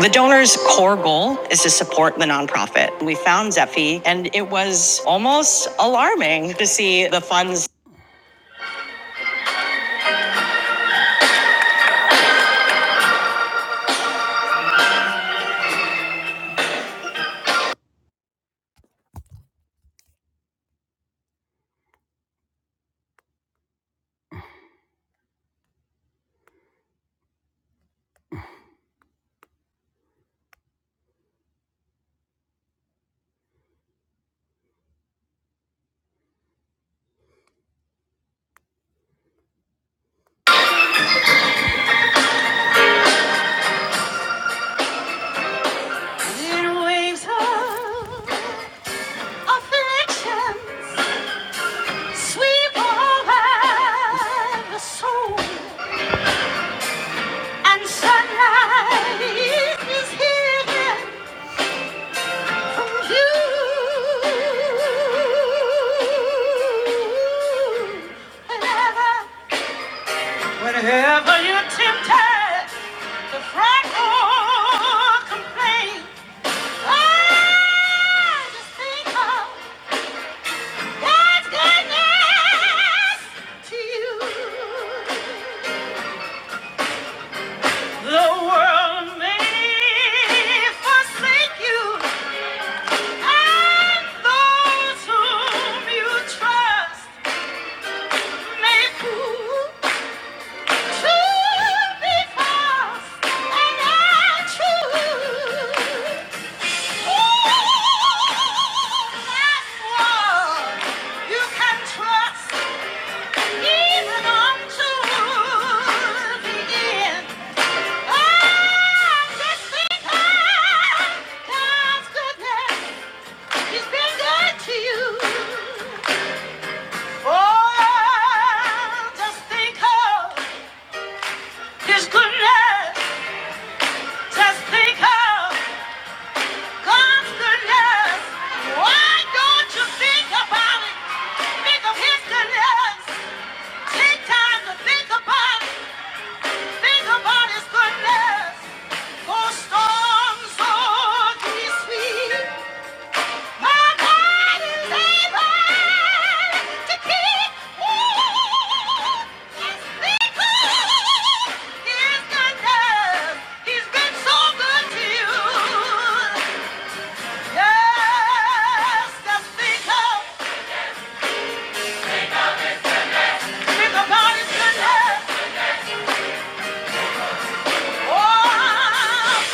The donor's core goal is to support the nonprofit. We found Zephi, and it was almost alarming to see the funds. The prideful complain. I just think of God's goodness to you. The world may forsake you, and those whom you trust may prove to be false and untrue. You can trust even unto the end. Oh, just think of God's goodness. He's been good to you. Oh, just think of His goodness. Just think of goodness. Why don't you think about it? Think of his goodness. Take time to think about it. Think about his goodness. For storms are to be sweet. My God is able to keep. Ooh, yes, because his goodness, he's been so good to you. Yes, just think of, think about his Oh,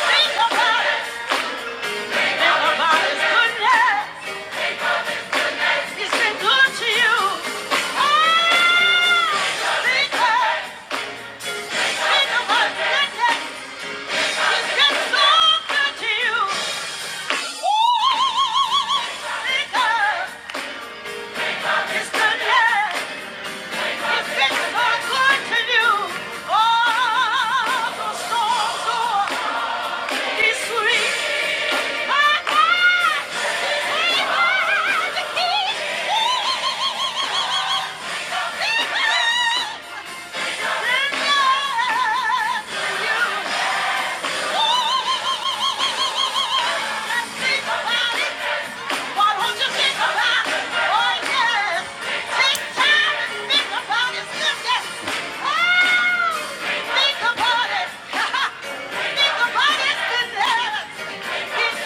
think about it, think about his He's been good to you. Oh, think of, think about his goodness. He's been so good to you. Ooh, think of his goodness. He's been so good to you. Oh, the storms, oh, sweet. Think about it, sister. He's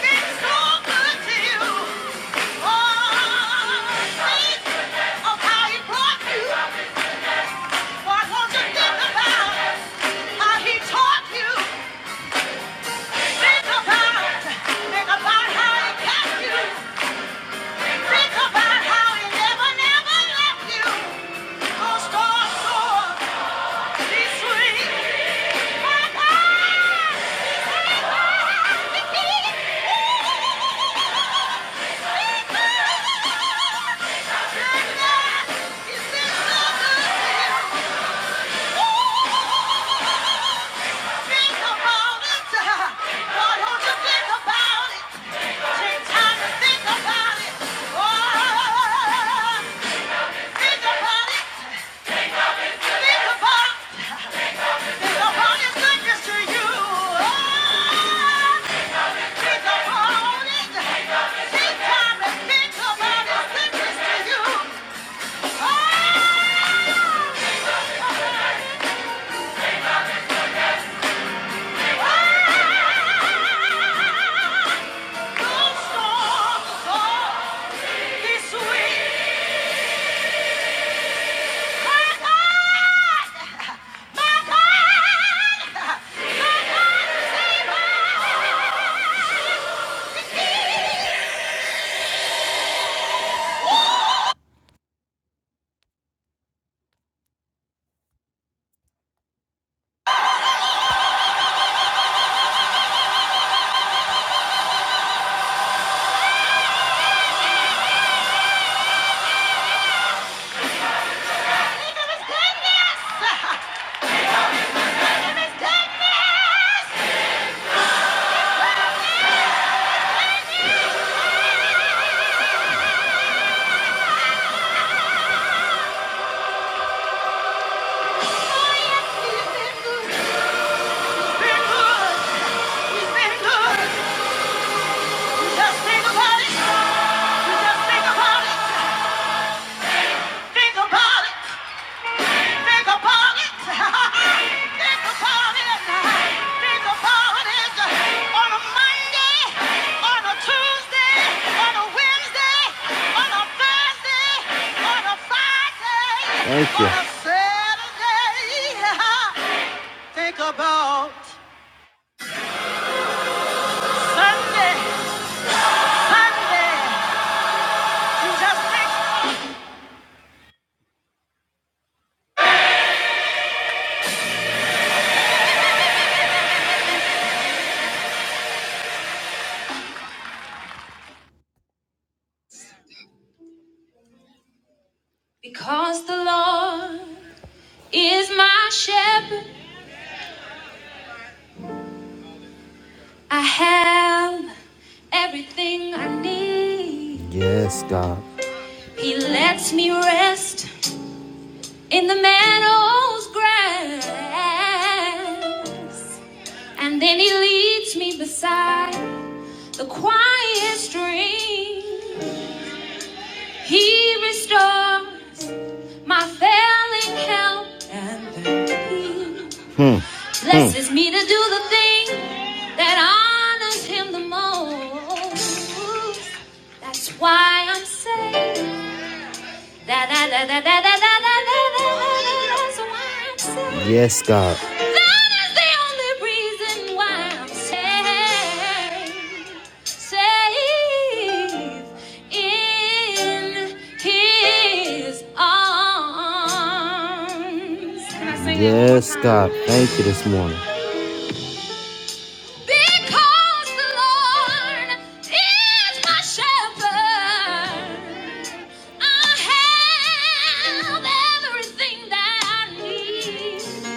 been so good to you. Yeah. Think about it. Why don't you think about it? Take time to think about it. Oh, think about it. Think about Think about his goodness to you. Oh, think about it. Take time to think about his goodness to you. Oh, oh, oh. Think about it. Think about it. Think about it. Think about it. On a Monday, on a Tuesday, on a Wednesday, on a Thursday, on a Friday, on a Saturday. Think about Sunday, Sunday. You just think. Because the Lord is my shepherd. I have everything I need. Yes, God. He lets me rest in the meadow's grass. And then he leads me beside the quiet stream. He restores. my failing health and thank Thee. Hmm. Blesses hmm. me to do the thing that honors Him the most. That's why I'm saved. Da da da da da da da da da That's why I'm saying. Yes, God. That is the only reason why I'm safe, safe in His arms. Can I sing that one more time? Yes, God. Thank you this morning. Because the Lord is my shepherd, I have everything that I need.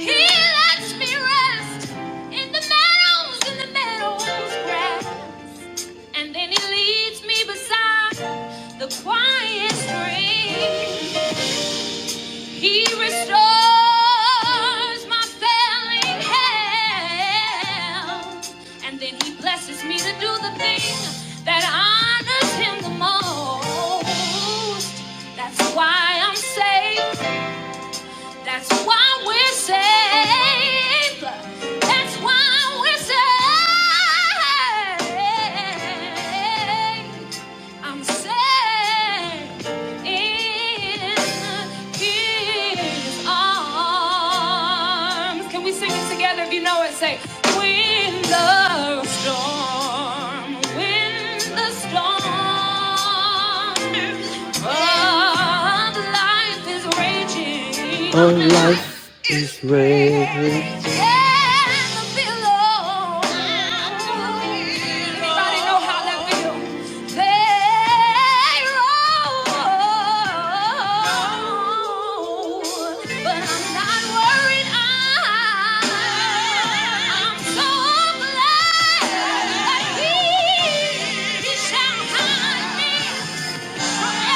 He lets me rest in the meadows, in the meadows grass, and then He leads me beside the quiet stream. He restores my failing health, and then He blesses me to do the thing that honors Him the most. That's why I'm saved. That's why we're saved. That's why we're saved. I'm saved in His arms. Can we sing it together? If you know it, say, When the storm, when the storm. But life is raging. Oh, life is raging. And I feel low. Anybody know how that feels? They roll. But I'm not worried. I'm, I'm so glad that he, he shall hide me. Yeah.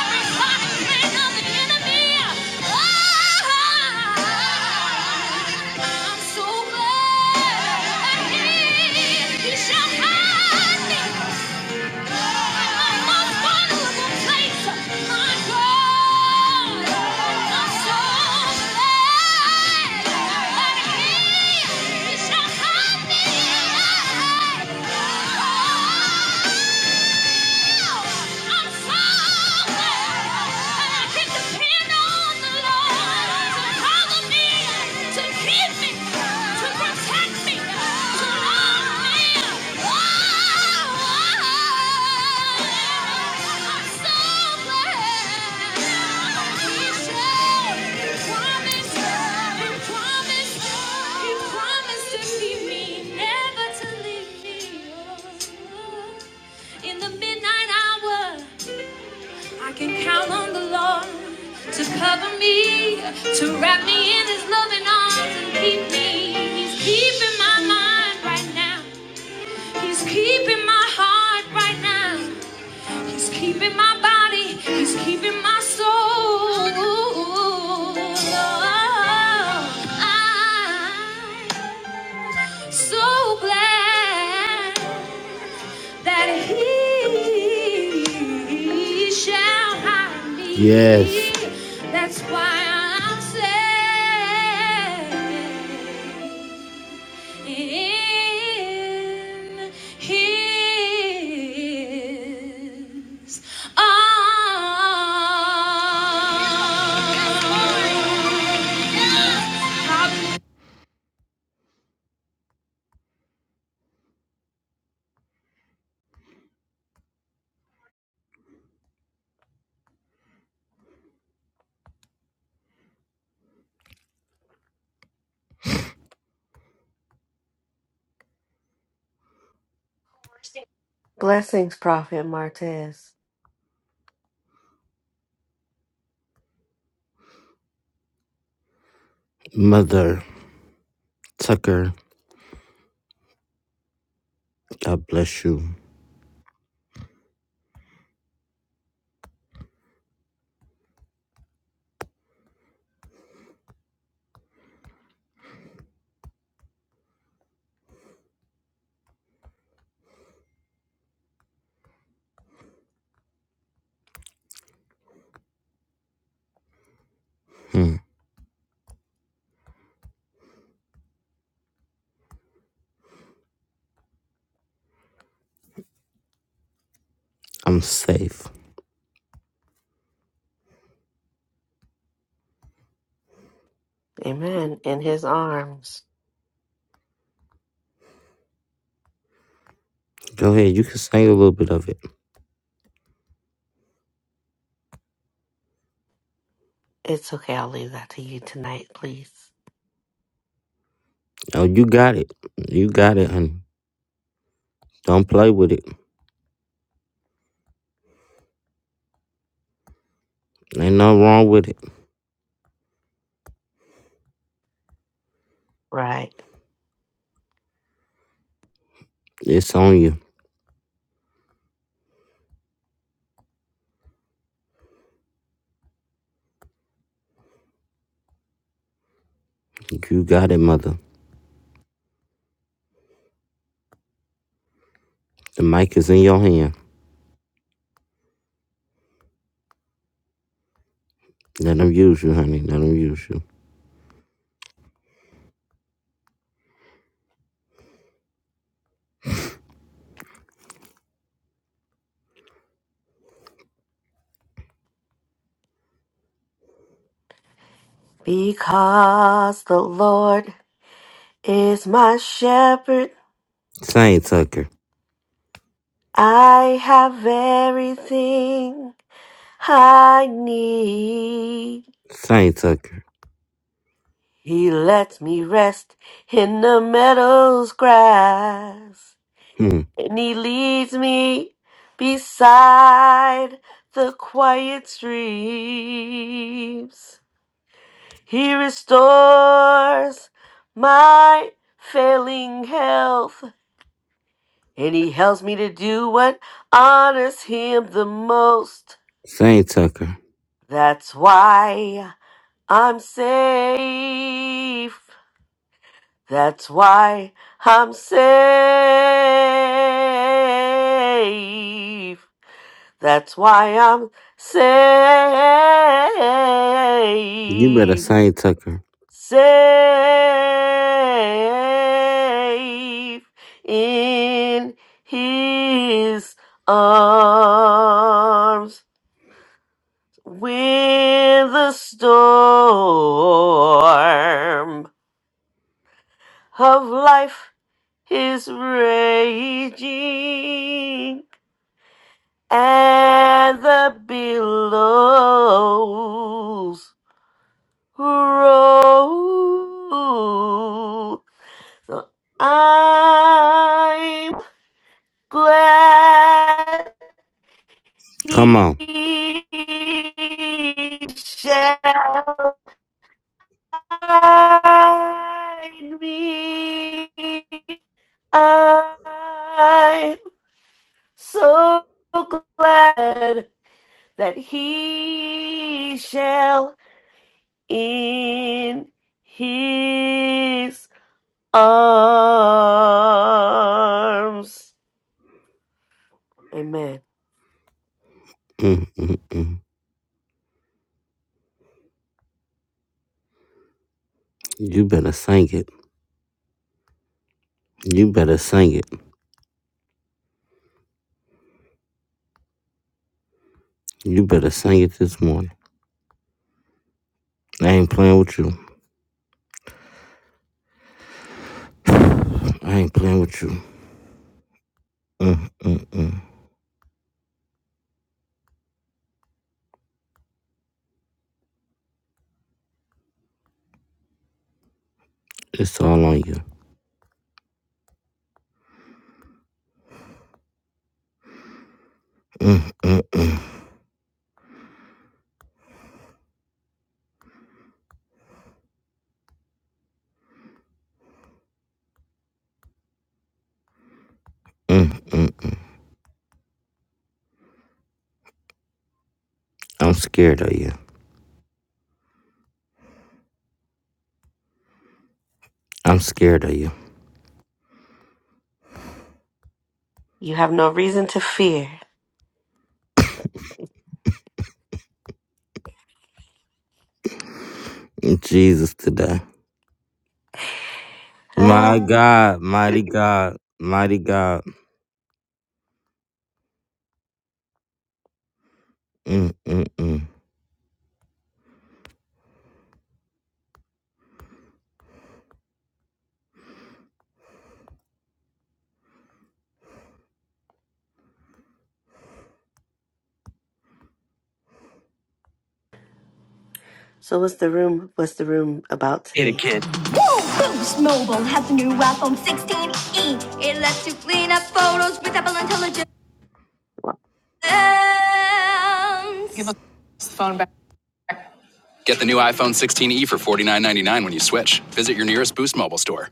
Never to leave me. oh, oh. In the midnight hour, I can count on the Lord to cover me, to wrap me in his loving arms and keep me. He's keeping my mind right now. He's keeping my heart right now. He's keeping my body. He's keeping my soul. I'm so glad that he shall hide me. Yes. That's why I'm safe in his arms. Blessings, Prophet Martez. Mother Tucker, God bless you. Hmm, I'm safe. Amen. In his arms. Go ahead, you can sing a little bit of it. It's okay. I'll leave that to you tonight, please. Oh, you got it. You got it, honey. Don't play with it. Ain't nothing wrong with it. Right. It's on you. You got it, mother. The mic is in your hand. Let them use you, honey. Let them use you. Because the Lord is my shepherd, Sing, Tucker. I have everything I need. Sing, Tucker. He lets me rest in the meadow's grass. Hmm. And he leads me beside the quiet streams. He restores my failing health. And he helps me to do what honors him the most. Sing, Tucker. That's why I'm safe. That's why I'm safe. That's why I'm safe, You better sing Tucker. safe in His arms. When the storm of life is raging and the billows road. So I'm glad Come he on. shall guide me. I'm so glad that he shall in his arms. Amen. Mm, mm, mm. You better sing it. You better sing it. You better sing it this morning. I ain't playing with you. I ain't playing with you. Mm, mm, mm. It's all on you. Mm, mm, mm, mm. I'm scared of you. I'm scared of you. You have no reason to fear. In Jesus today. Ah. My God, mighty God, mighty God. Mm, mm, mm. So what's the room what's the room about today? Boost Mobile has the new iPhone 16e. It lets you clean up photos with Apple Intelligence. Woo! Get the new iPhone 16e for 49.99 when you switch. Visit your nearest Boost Mobile store.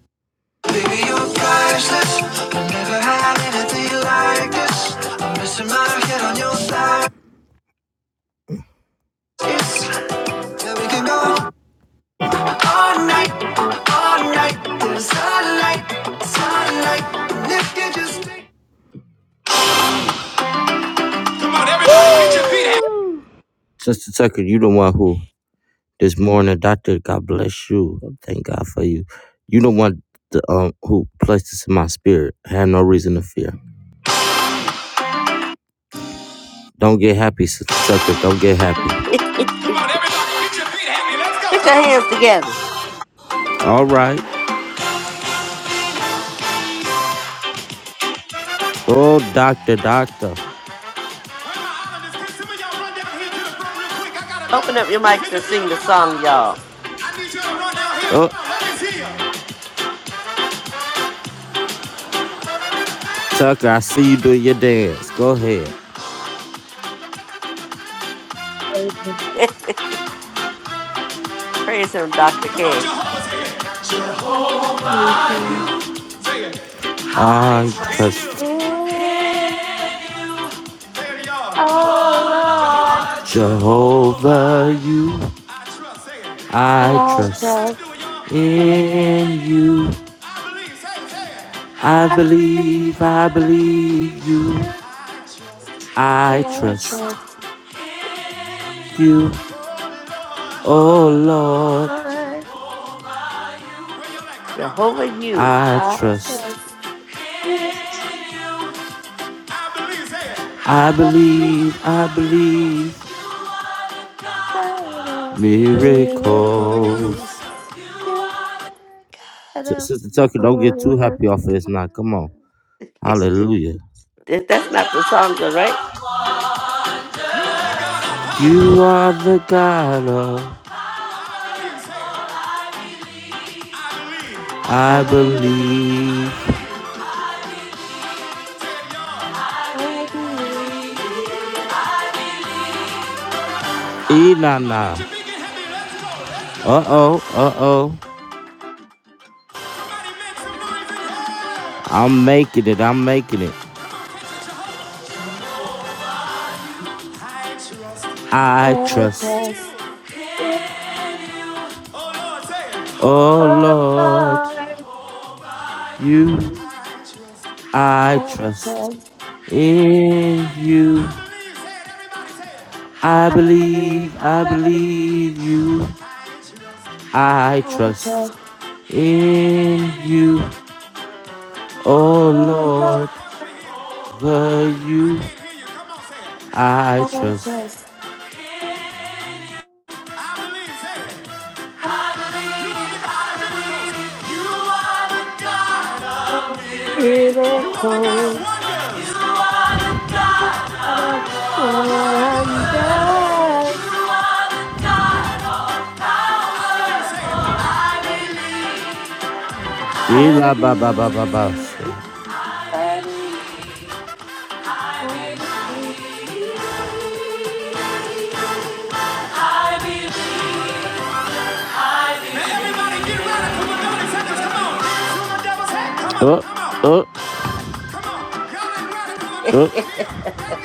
Yeah, we can go. All night, all night, there's sunlight, sunlight. And if you just take- Sister Tucker, you the one who this morning, doctor, God bless you. Thank God for you. You the one the, um, who placed this in my spirit. I had no reason to fear. Don't get happy, Sister Tucker. Don't get happy. Put your hands together. All right. Oh, doctor, doctor. Open up your mics and sing the song, y'all. Oh, Tucker, I see you doing your dance. Go ahead. Amen. Praise him, Dr. K. Thank you, Jesus. I trust Yeah, oh Lord, Jehovah, you. I I trust trust you. in you. I I believe, I believe, I believe believe you. you. I I trust trust in you, you, oh oh Lord. Lord. Jehovah, you. I I trust, trust in you. I I believe, believe, I believe I believe, God of miracles. miracles. You are the S- Sister Tucker, God of don't get too happy off miracles. of this now. Come on. Hallelujah. That's not the songs, all right? You are the God of I I believe, believe. I believe, Inanna. Uh oh, uh oh. I'm making it, I'm making it. Thank you, Jesus. I I trust. trust in you, Oh oh Lord, Lord. I trust you in I trust. you. In you I I believe, believe, I I believe believe in you you. I I trust. trust, In you, oh oh Lord, Lord. the you I I trust. trust you. I believe, I believe, I trust. Miracle. You God of wonders. I Ila ba ba ba ba ba. believe, I believe, I believe. Oh, oh. Huh.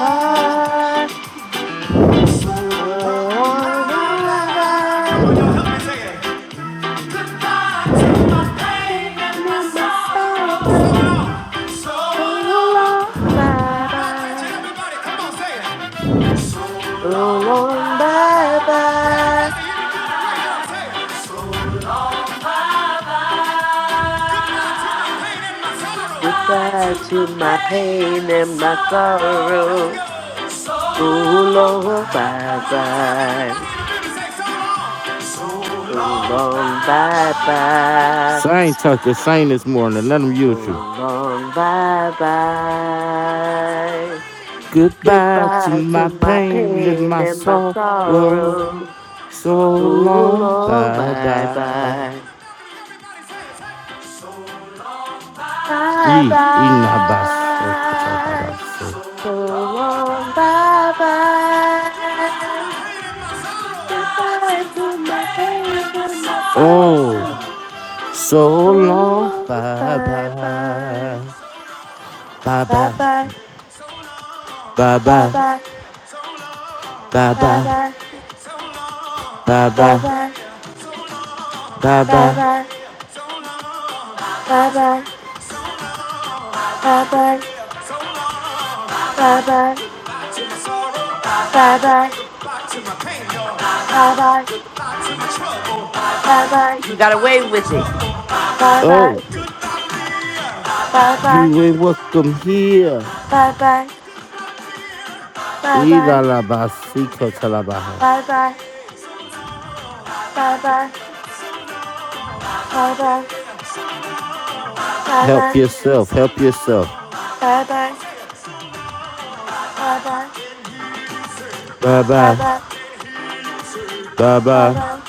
Ah, oh, Rabbi, my pain and my sorrow, so long, bye bye, so long, bye bye. Goodbye to my pain and my sorrow. So long, bye bye. So long, bye bye. Sing, Tucker. Sing this morning. Let them So use you. long, bye bye. Goodbye to Goodbye to my my pain and pain my and my sorrow. sorrow. So So long. long, Bye bye bye. bye. E Bye inabaso bye. kotabaso. So long, bye bye. Goodbye to my pain and my soul. Oh, so long, Oh, bye bye bye. bye, bye Bye bye, bye. bye Bye bye, bye. bye Bye bye, bye. bye Bye bye, bye. bye Bye bye. bye. Bye bye. Bye bye. Bye bye. Bye bye. Bye bye. Bye bye. You got away with it. Bye bye. Oh, Bye bye. you ain't welcome here. Bye bye. Bye E bye. la la si Bye bye. Bye bye. Bye bye. Bye Help bye. yourself, help yourself. Bye bye. Bye bye. Bye bye. Bye Bye bye, bye bye, bye.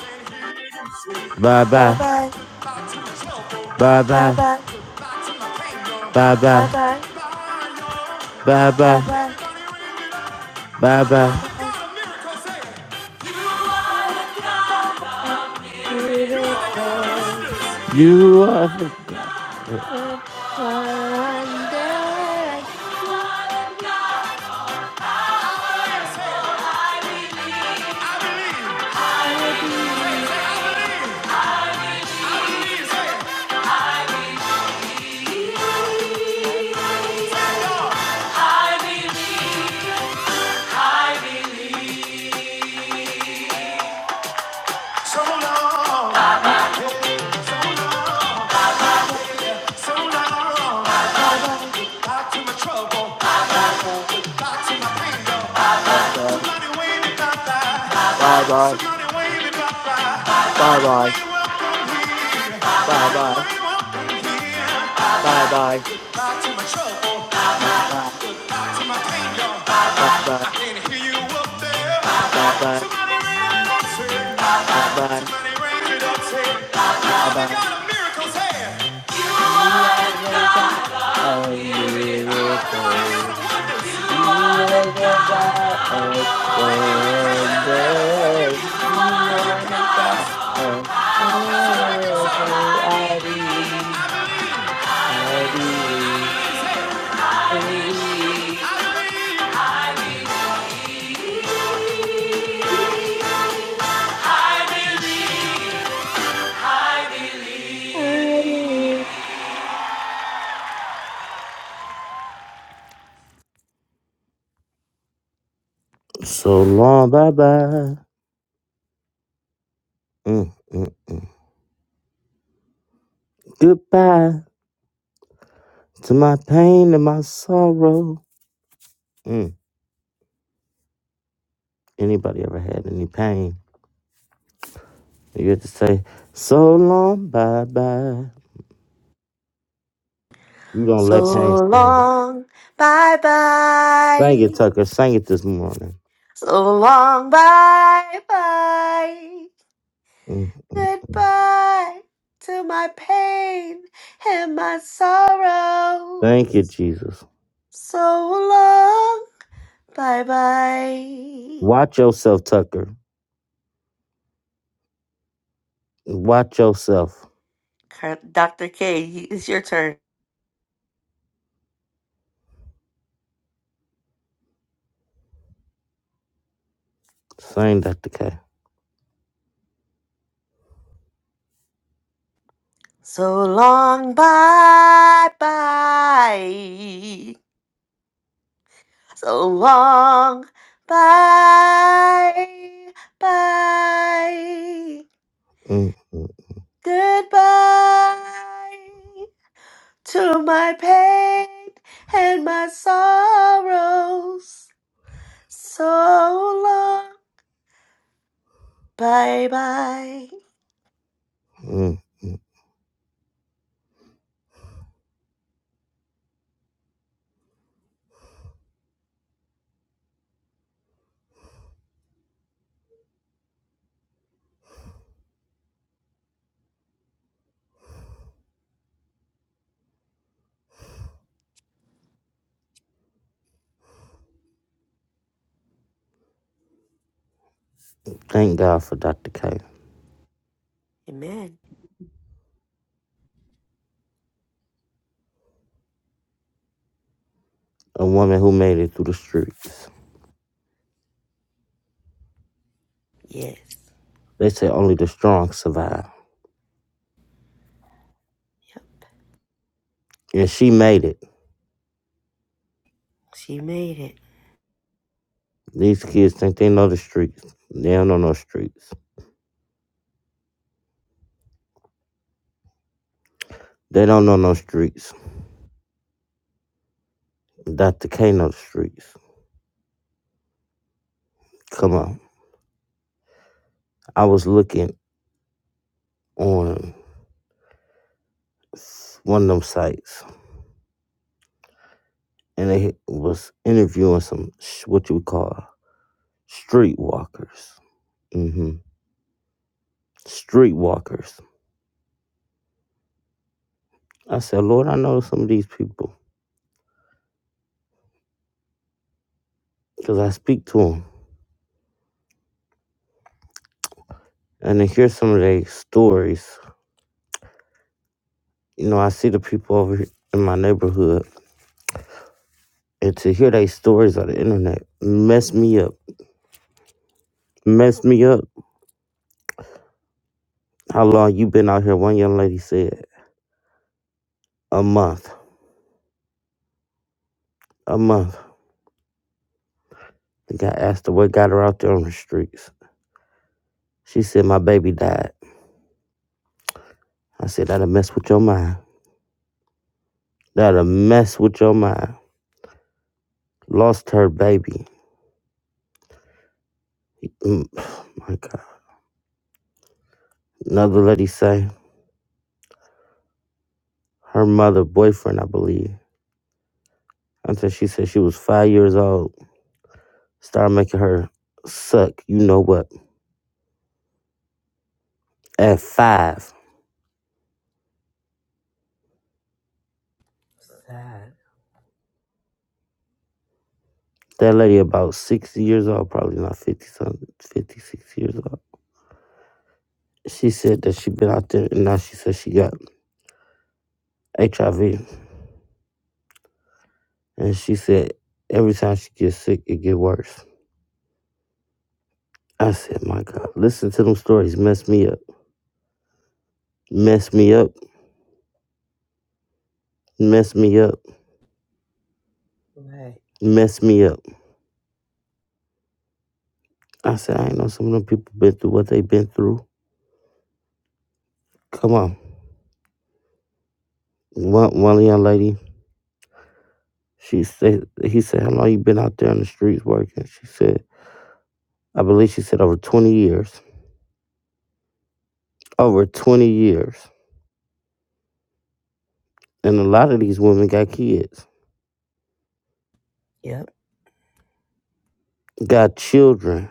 bye Bye bye, bye. bye Bye bye, bye. bye bye, bye bye, bye bye. You are. So long, so long, so long. Back to my trouble, back to my pain. Somebody wave me back, somebody wave me back. Everybody welcome here, everybody welcome here. Back to my trouble, to my pain. I can hear you up there. Somebody raise it up, say. Somebody raise it up, say. Father God of miracles, hey. You are the God of Father God miracles. of wonders. You are the God of wonders. You are the God of all. Oh, I believe. I believe. I believe. I believe. So long, bye bye. Mm, mm. Goodbye. To my pain and my sorrow. Mm, anybody ever had any pain? You have to say, so long, bye bye. You don't let pain So stay. long, bye Thank you, bye. Tucker. Sang it this morning. So long, bye bye. mm mm. Goodbye to my pain and my Thank you, sorrows. Jesus. So long. Bye bye. Watch yourself, Tucker. Watch yourself. Dr. K, it's your turn. Sing Dr. K. So long, bye bye. So long, bye bye. Goodbye to my pain and my sorrows. So long, bye bye. Mm-mm. Thank God for Dr. K, Amen. a woman who made it through the streets. Yes. They say only the strong survive. Yep. And she made it. She made it. These kids think they know the streets. They don't know no streets. They don't know no streets. Dr. K know the streets. Come on. I was looking on one of them sites and they was interviewing some sh- what you would call streetwalkers. Mm-hmm. Streetwalkers. I said, Lord, I know some of these people because I speak to them and to hear some of their stories. You know, I see the people over here in my neighborhood and to hear their stories on the internet mess me up. Mess me up. How long you been out here? One young lady said. a month. A month. I think I asked her what got her out there on the streets. She said my baby died. I said that'll mess with your mind. That'll mess with your mind. Lost her baby. Mm, oh my God. Another lady say her mother boyfriend, I believe. Until she said she was five years old. Started making her suck. You know what? At five. Sad. That lady about 60 years old, probably not 50 something, 56 years old. She said that she been out there and now she says she got HIV. And she said, every time she gets sick, it get worse. I said, my God, listen to them stories. Mess me up. Mess me up. Mess me up. Right. Mess me up. I said, I ain't know some of them people been through what they been through. Come on. One, one young lady, she said, he said, how long you been out there in the streets working? She said, I believe she said over 20 years. Over 20 years. And a lot of these women got kids, Yep. got children.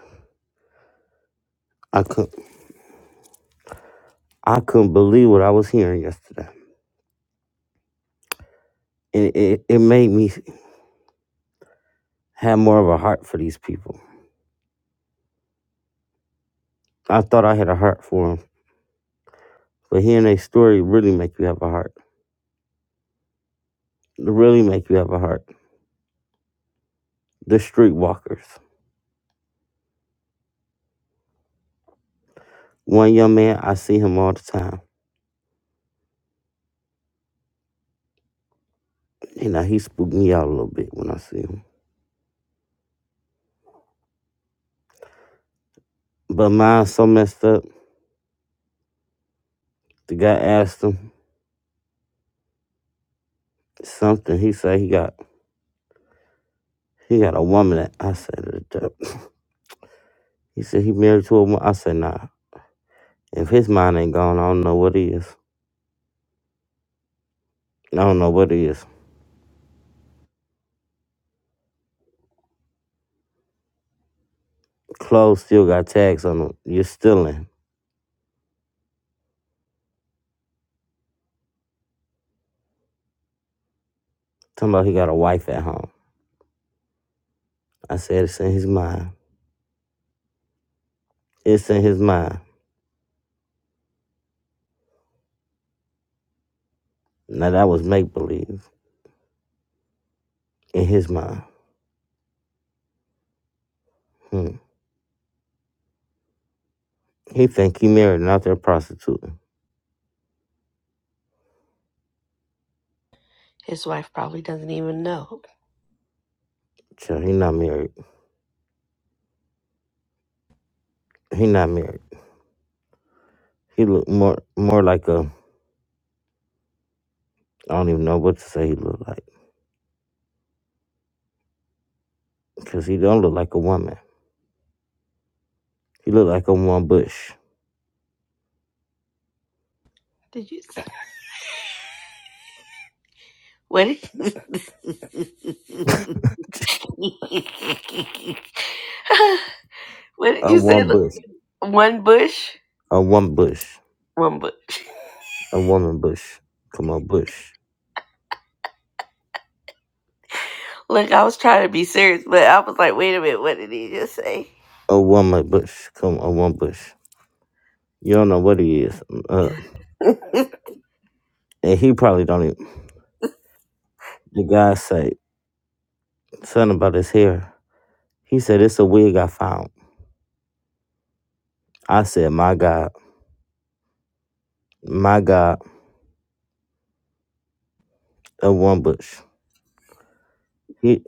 I couldn't, I couldn't believe what I was hearing yesterday. it, it, it made me have more of a heart for these people. I thought I had a heart for them, but hearing their story really make you have a heart. It really make you have a heart. The streetwalkers. One young man, I see him all the time. You know, he spooked me out a little bit when I see him. But mine's so messed up. The guy asked him something. He said he got he got a woman that I said it up. He said he married to a woman. I said nah. If his mind ain't gone, I don't know what he is. I don't know what he is. Clothes still got tags on them. You're stealing. Talking about he got a wife at home. I said it's in his mind. It's in his mind. Now that was make believe. In his mind. Hmm. He think he married and out there prostituting. His wife probably doesn't even know. Child, he not married. He not married. He look more more like a I don't even know what to say he look like. Cause he don't look like a woman. He look like a one bush. Did you say what? Did, what did A you say? one Look, bush. One bush. A one bush. One bush. A woman bush. Come on, bush. Look, I was trying to be serious, but I was like, wait a minute, what did he just say? A woman bush. Come on, one bush. You don't know what he is. Mm, Uh, and he probably don't even. The guy said something about his hair. He said, It's a wig I found. I said, My God, my God, a one bush. He,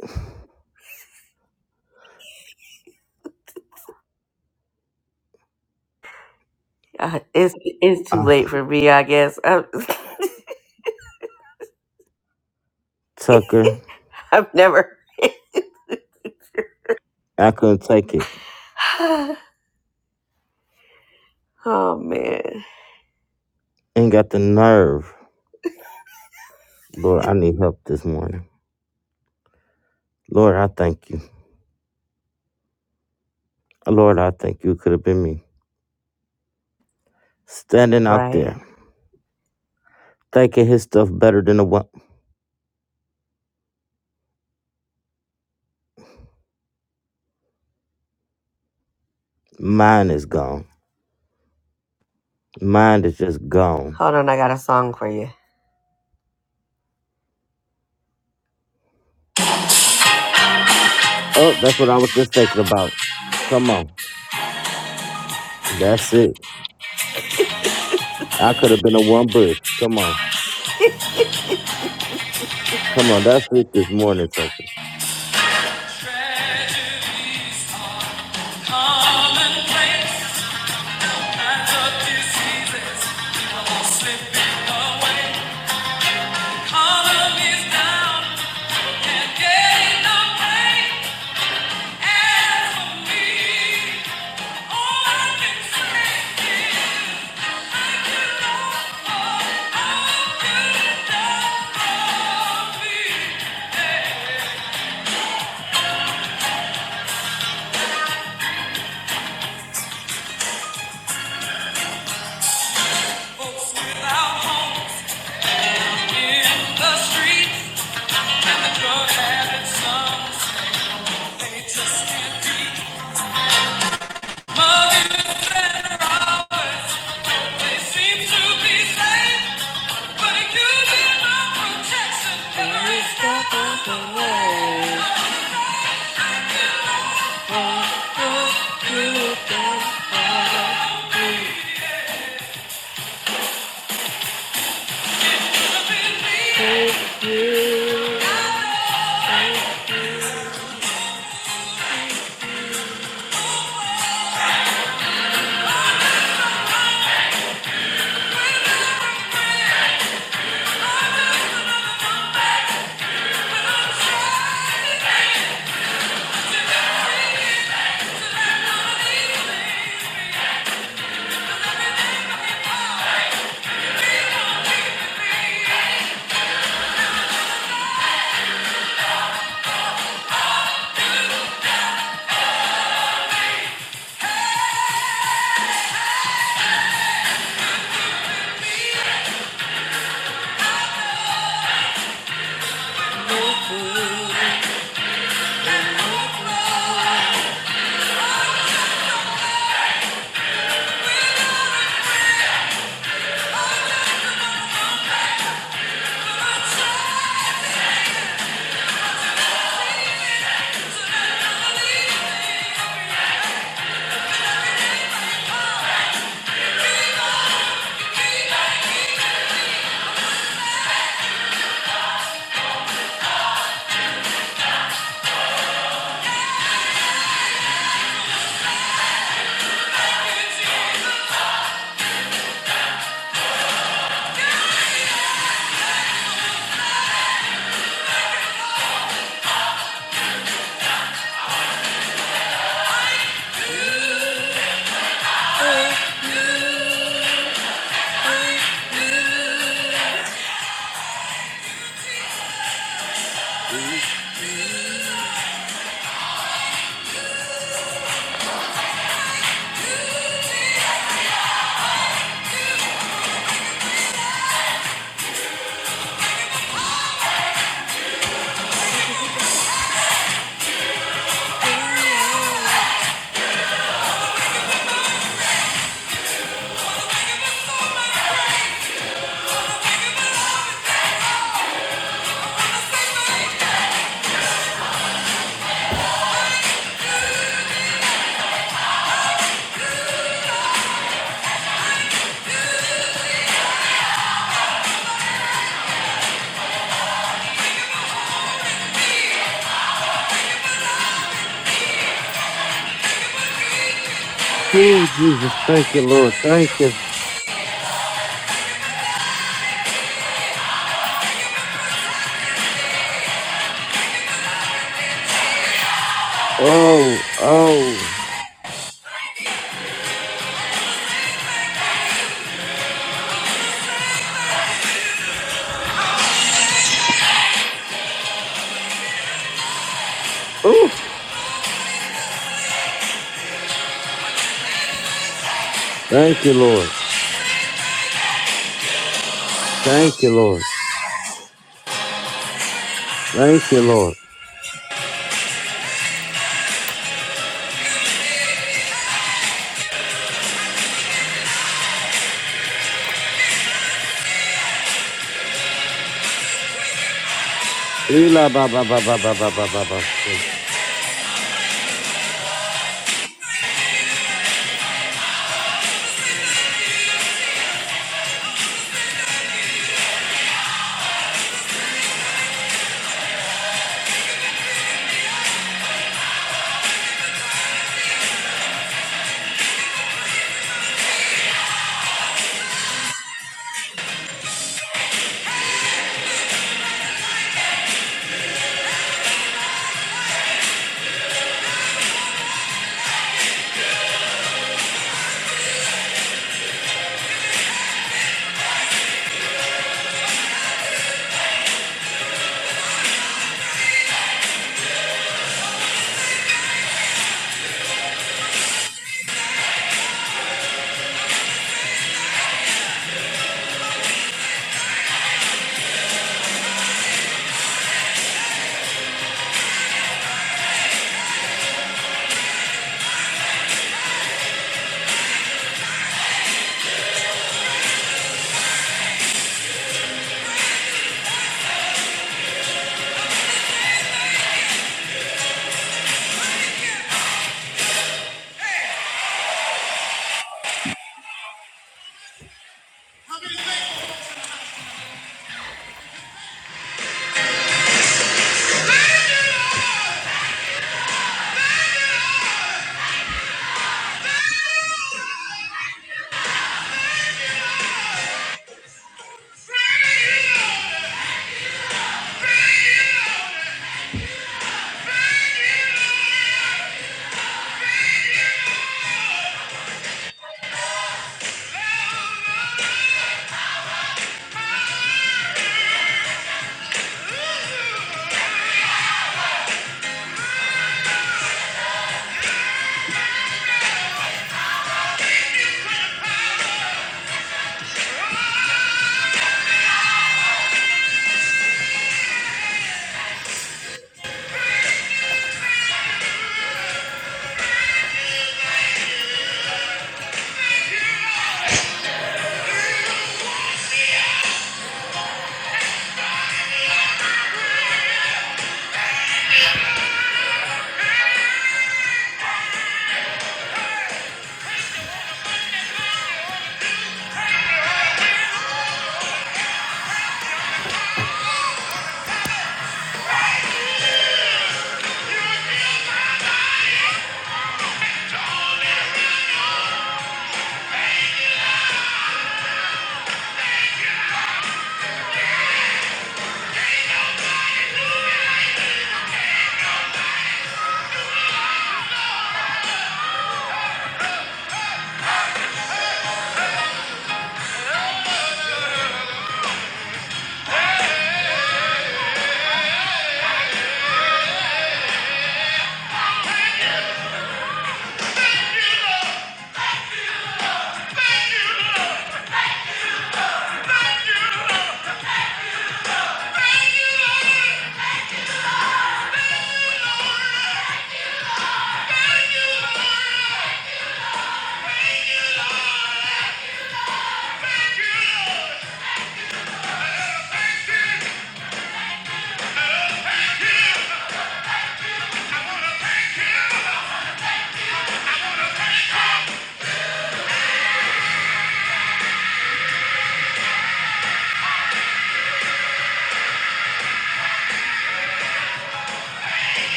Uh, It's it's too uh, late for me, I guess. I, Tucker, I've never. I couldn't take it. Oh man. Ain't got the nerve. Lord, I need help this morning. Lord, I thank you. Lord, I thank you. Could have been me. Standing out Right. there, thinking his stuff better than the one. Mine is gone. Mine is just gone. Hold on, I got a song for you. Oh, that's what I was just thinking about. Come on. That's it. I could have been a one bush. Come on. Come on. That's it this morning, Tucker. Tragedies are commonplace, kinds of diseases, people slipping away. Economy's down, can't get enough pay. Stop the way. Thank you. Oh, Jesus. Thank you, Lord. Thank you. Oh, oh. Ooh. Thank you, Lord. Thank you, Lord. Thank you, Lord. Ela ba ba ba ba ba ba ba ba ba. say.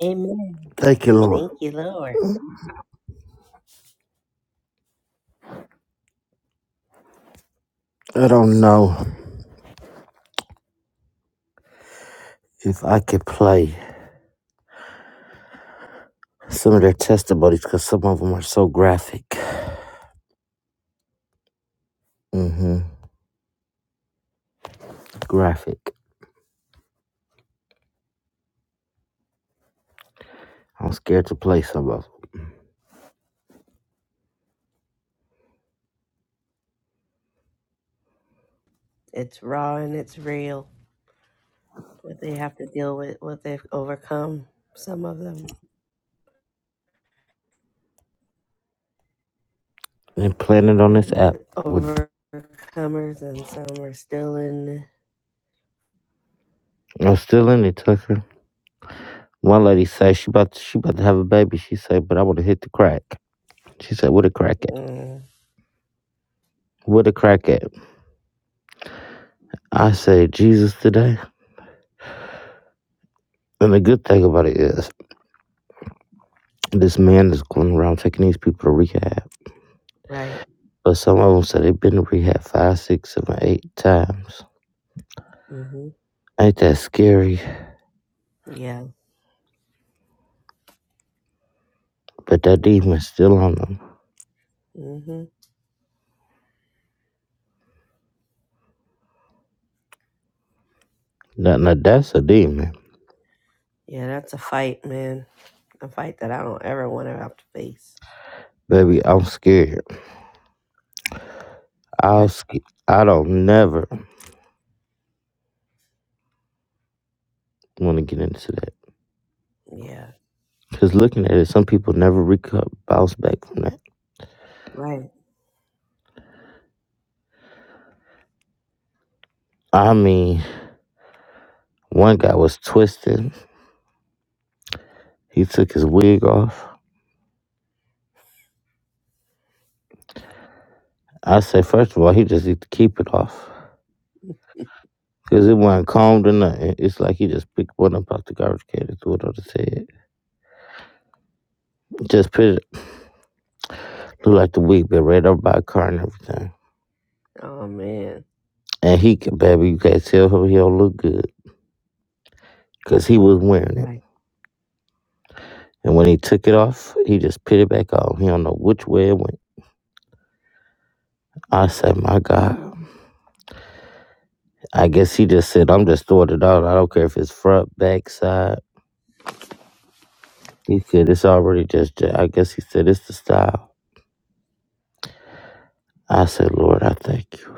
Amen. Thank you, Lord. Thank you, Lord. I don't know if I could play some of their testimonies because some of them are so graphic. Mm-hmm. Graphic. I'm scared to play some of them. It's raw and it's real. What they have to deal with, what they've overcome. Some of them And playing it on are this app would overcomers, and some are still in. I'm still in it, Tucker. One lady said she about to, she about to have a baby. She said, "But I want to hit the crack." She said, "What a crack at? Mm, What a crack at?" I said, "Jesus today." And the good thing about it is, this man is going around taking these people to rehab. right. But some of them said they've been to rehab five, six, seven, eight times. hmm Ain't that scary? Yeah. But that demon's still on them. hmm Now, now that's a demon, Yeah, that's a fight, man. A fight that I don't ever want to have to face. baby. I'm scared. I'll Right. sc- I don't never want to get into that. Yeah. Cause looking at it, some people never recover, bounce back from that. Right. I mean, one guy was twisted. He took his wig off. I say, first of all, he just need to keep it off. Because it wasn't combed or nothing. It's like he just picked one up out the garbage can and threw it on his head. Just put it, look like the wig been ran up by a car and everything. Oh man. And he, can- baby, you can't tell him he don't look good. Because he was wearing it. Right. And when he took it off, he just put it back on. He don't know which way it went. I say, my God. I guess he just said, I'm just throwing it out. I don't care if it's front, back, side. He said, It's already just, that." I guess he said, It's the style. I said, Lord, I thank you.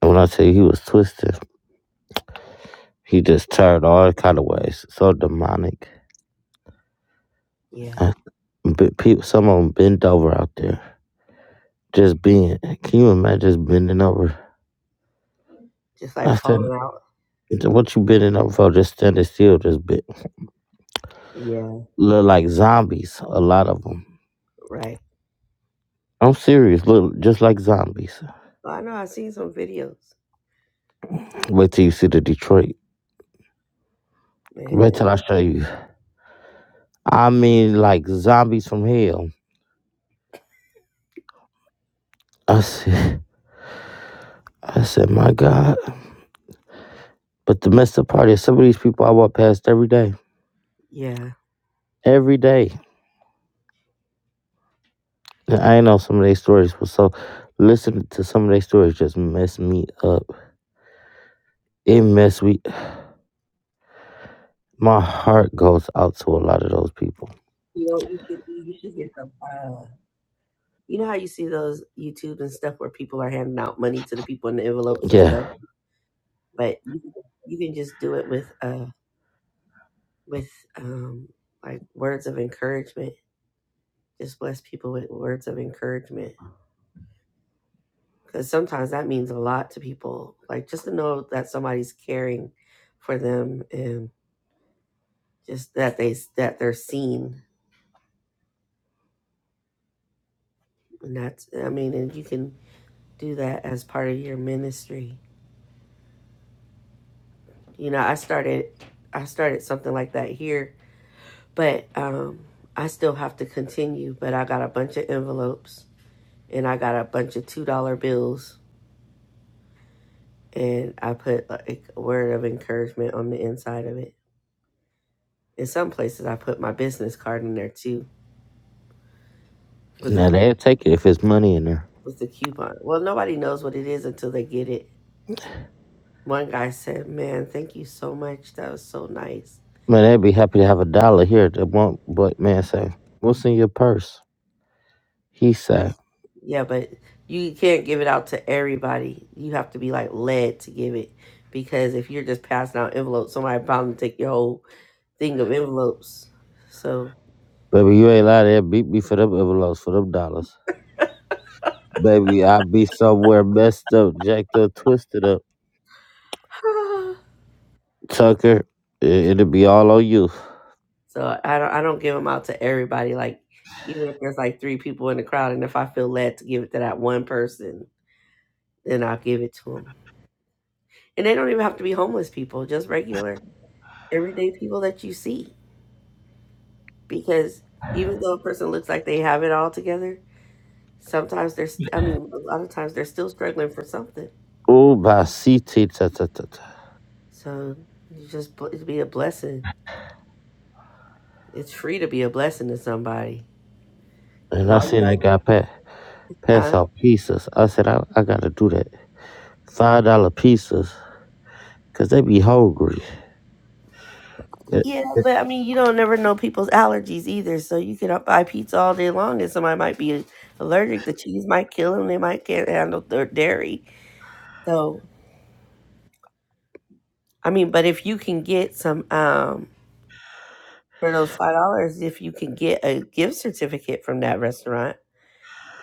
And when I tell you he was twisted, he just turned all kind of ways. So demonic. Yeah. I, but people, some of them bent over out there. Just being, can you imagine just bending over? Just like I said, falling out. "So What you bending over for? Just standing still, just bit. Yeah. Look like zombies, a lot of them. Right. I'm serious, look just like zombies. I know. I've seen some videos. Wait till you see the Detroit. Wait Man. till I show you. I mean, like zombies from hell. I see. I said, my God. But the messed up part is some of these people I walk past every day. Yeah. Every day. And I know some of their stories. so listening to some of their stories just mess me up. It mess me. My heart goes out to a lot of those people. You know what you should do? You should get some. Uh, you know how you see those YouTube and stuff where people are handing out money to the people in the envelopes and stuff, Yeah. but you you can just do it with uh with um like words of encouragement. Just bless people with words of encouragement. because sometimes that means a lot to people. Like just to know that somebody's caring for them and just that they that they're seen. And that's I mean, and you can do that as part of your ministry. You know, I started I started something like that here, but um I still have to continue, but I got a bunch of envelopes and I got a bunch of two dollar bills and I put like a word of encouragement on the inside of it. In some places I put my business card in there too with a Now they'll take it if it's money in there. was the coupon. Well, nobody knows what it is until they get it. One guy said, "Man, thank you so much. That was so nice." Man, they'd be happy to have a dollar here. They won't, but man say, what's in your purse? He said, Yeah, but you can't give it out to everybody. You have to be like led to give it because if you're just passing out envelopes, somebody bound to take your whole thing of envelopes. So, baby, you ain't lying. They'll beat me for them envelopes, for them dollars. Baby, I be somewhere messed up, jacked up, twisted up. Tucker, it, it'll be all on you. so I don't I don't give them out to everybody. Like even if there's like three people in the crowd, and if I feel led to give it to that one person, then I'll give it to them. And they don't even have to be homeless people; just regular everyday people that you see because even though a person looks like they have it all together sometimes they're st- i mean a lot of times they're still struggling for something Ooh, basiti ta ta ta ta. so you just bl- be a blessing it's free to be a blessing to somebody 'Cause And I all you seen got I to do. got pass pass huh? out pizzas. I said I, I gotta do that. Five dollar pizzas, cause they be hungry. Yeah, yeah but i mean you don't never know people's allergies either so you can up- buy pizza all day long and somebody might be allergic the cheese might kill them they might can't handle their dairy so i mean but if you can get some um for those five dollars if you can get a gift certificate from that restaurant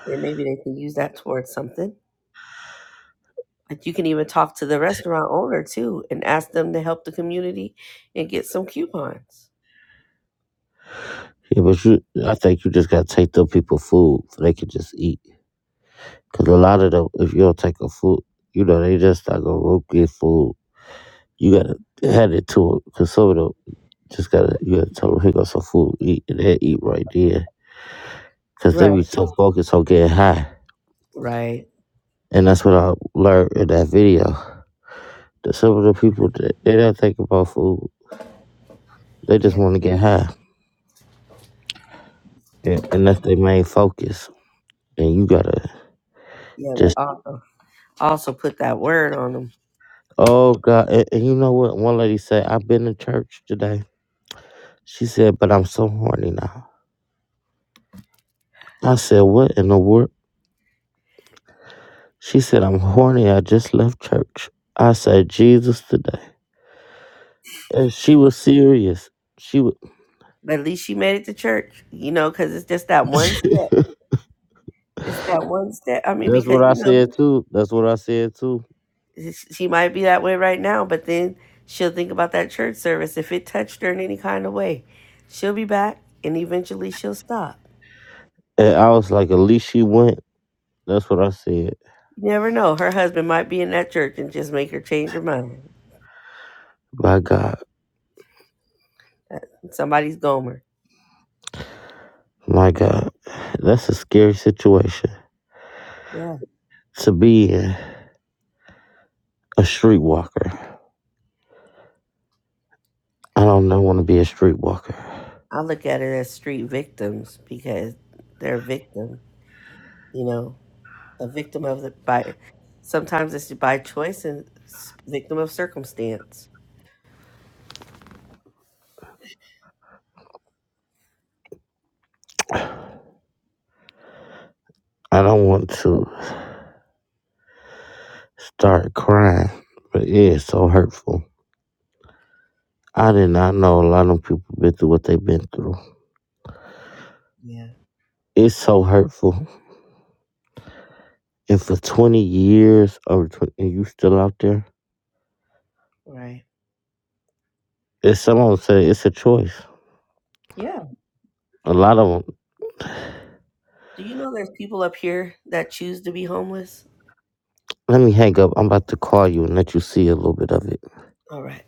then maybe they can use that towards something like you can even talk to the restaurant owner too and ask them to help the community and get some coupons yeah, but you, I think you just gotta take them people food so they can just eat. Cause a lot of them, if you don't take them food, you know they just not gonna go get food. You gotta hand it to 'em, cause some of them just gotta you gotta tell them here go some food eat and they eat right there. Cause they right be so focused on getting high. right And that's what I learned in that video. That some of the people that they don't think about food, they just yeah want to get high, and, and that's their main focus. And you gotta yeah but just, also, also put that word on them oh God! And, and you know what? One lady said, "I've been to church today." She said, "But I'm so horny now." I said, "What in the world?" She said, "I'm horny. I just left church." I said, "Jesus today," and she was serious. She was. but at least she made it to church you know because it's just that one step it's that one step i mean That's because what I you know said too. That's what I said too. She might be that way right now, but then she'll think about that church service. If it touched her in any kind of way, she'll be back and eventually she'll stop. And I was like, "At least she went." That's what I said. You never know. Her husband might be in that church and just make her change her mind. My God, Uh, Somebody's Gomer. my God, that's a scary situation Yeah. to be in. A streetwalker. I don't want to be a streetwalker. I look at it as street victims because they're a victim, you know, a victim of the, by, sometimes it's by choice and s- victim of circumstance. I don't want to start crying, but it is so hurtful. I did not know a lot of people been through what they've been through. Yeah. It's so hurtful. And for 20 years, over 20, and you still out there? Right. It's someone say it's a choice. Yeah. A lot of them, Do you know there's people up here that choose to be homeless? let me hang up. I'm about to call you and let you see a little bit of it. All right.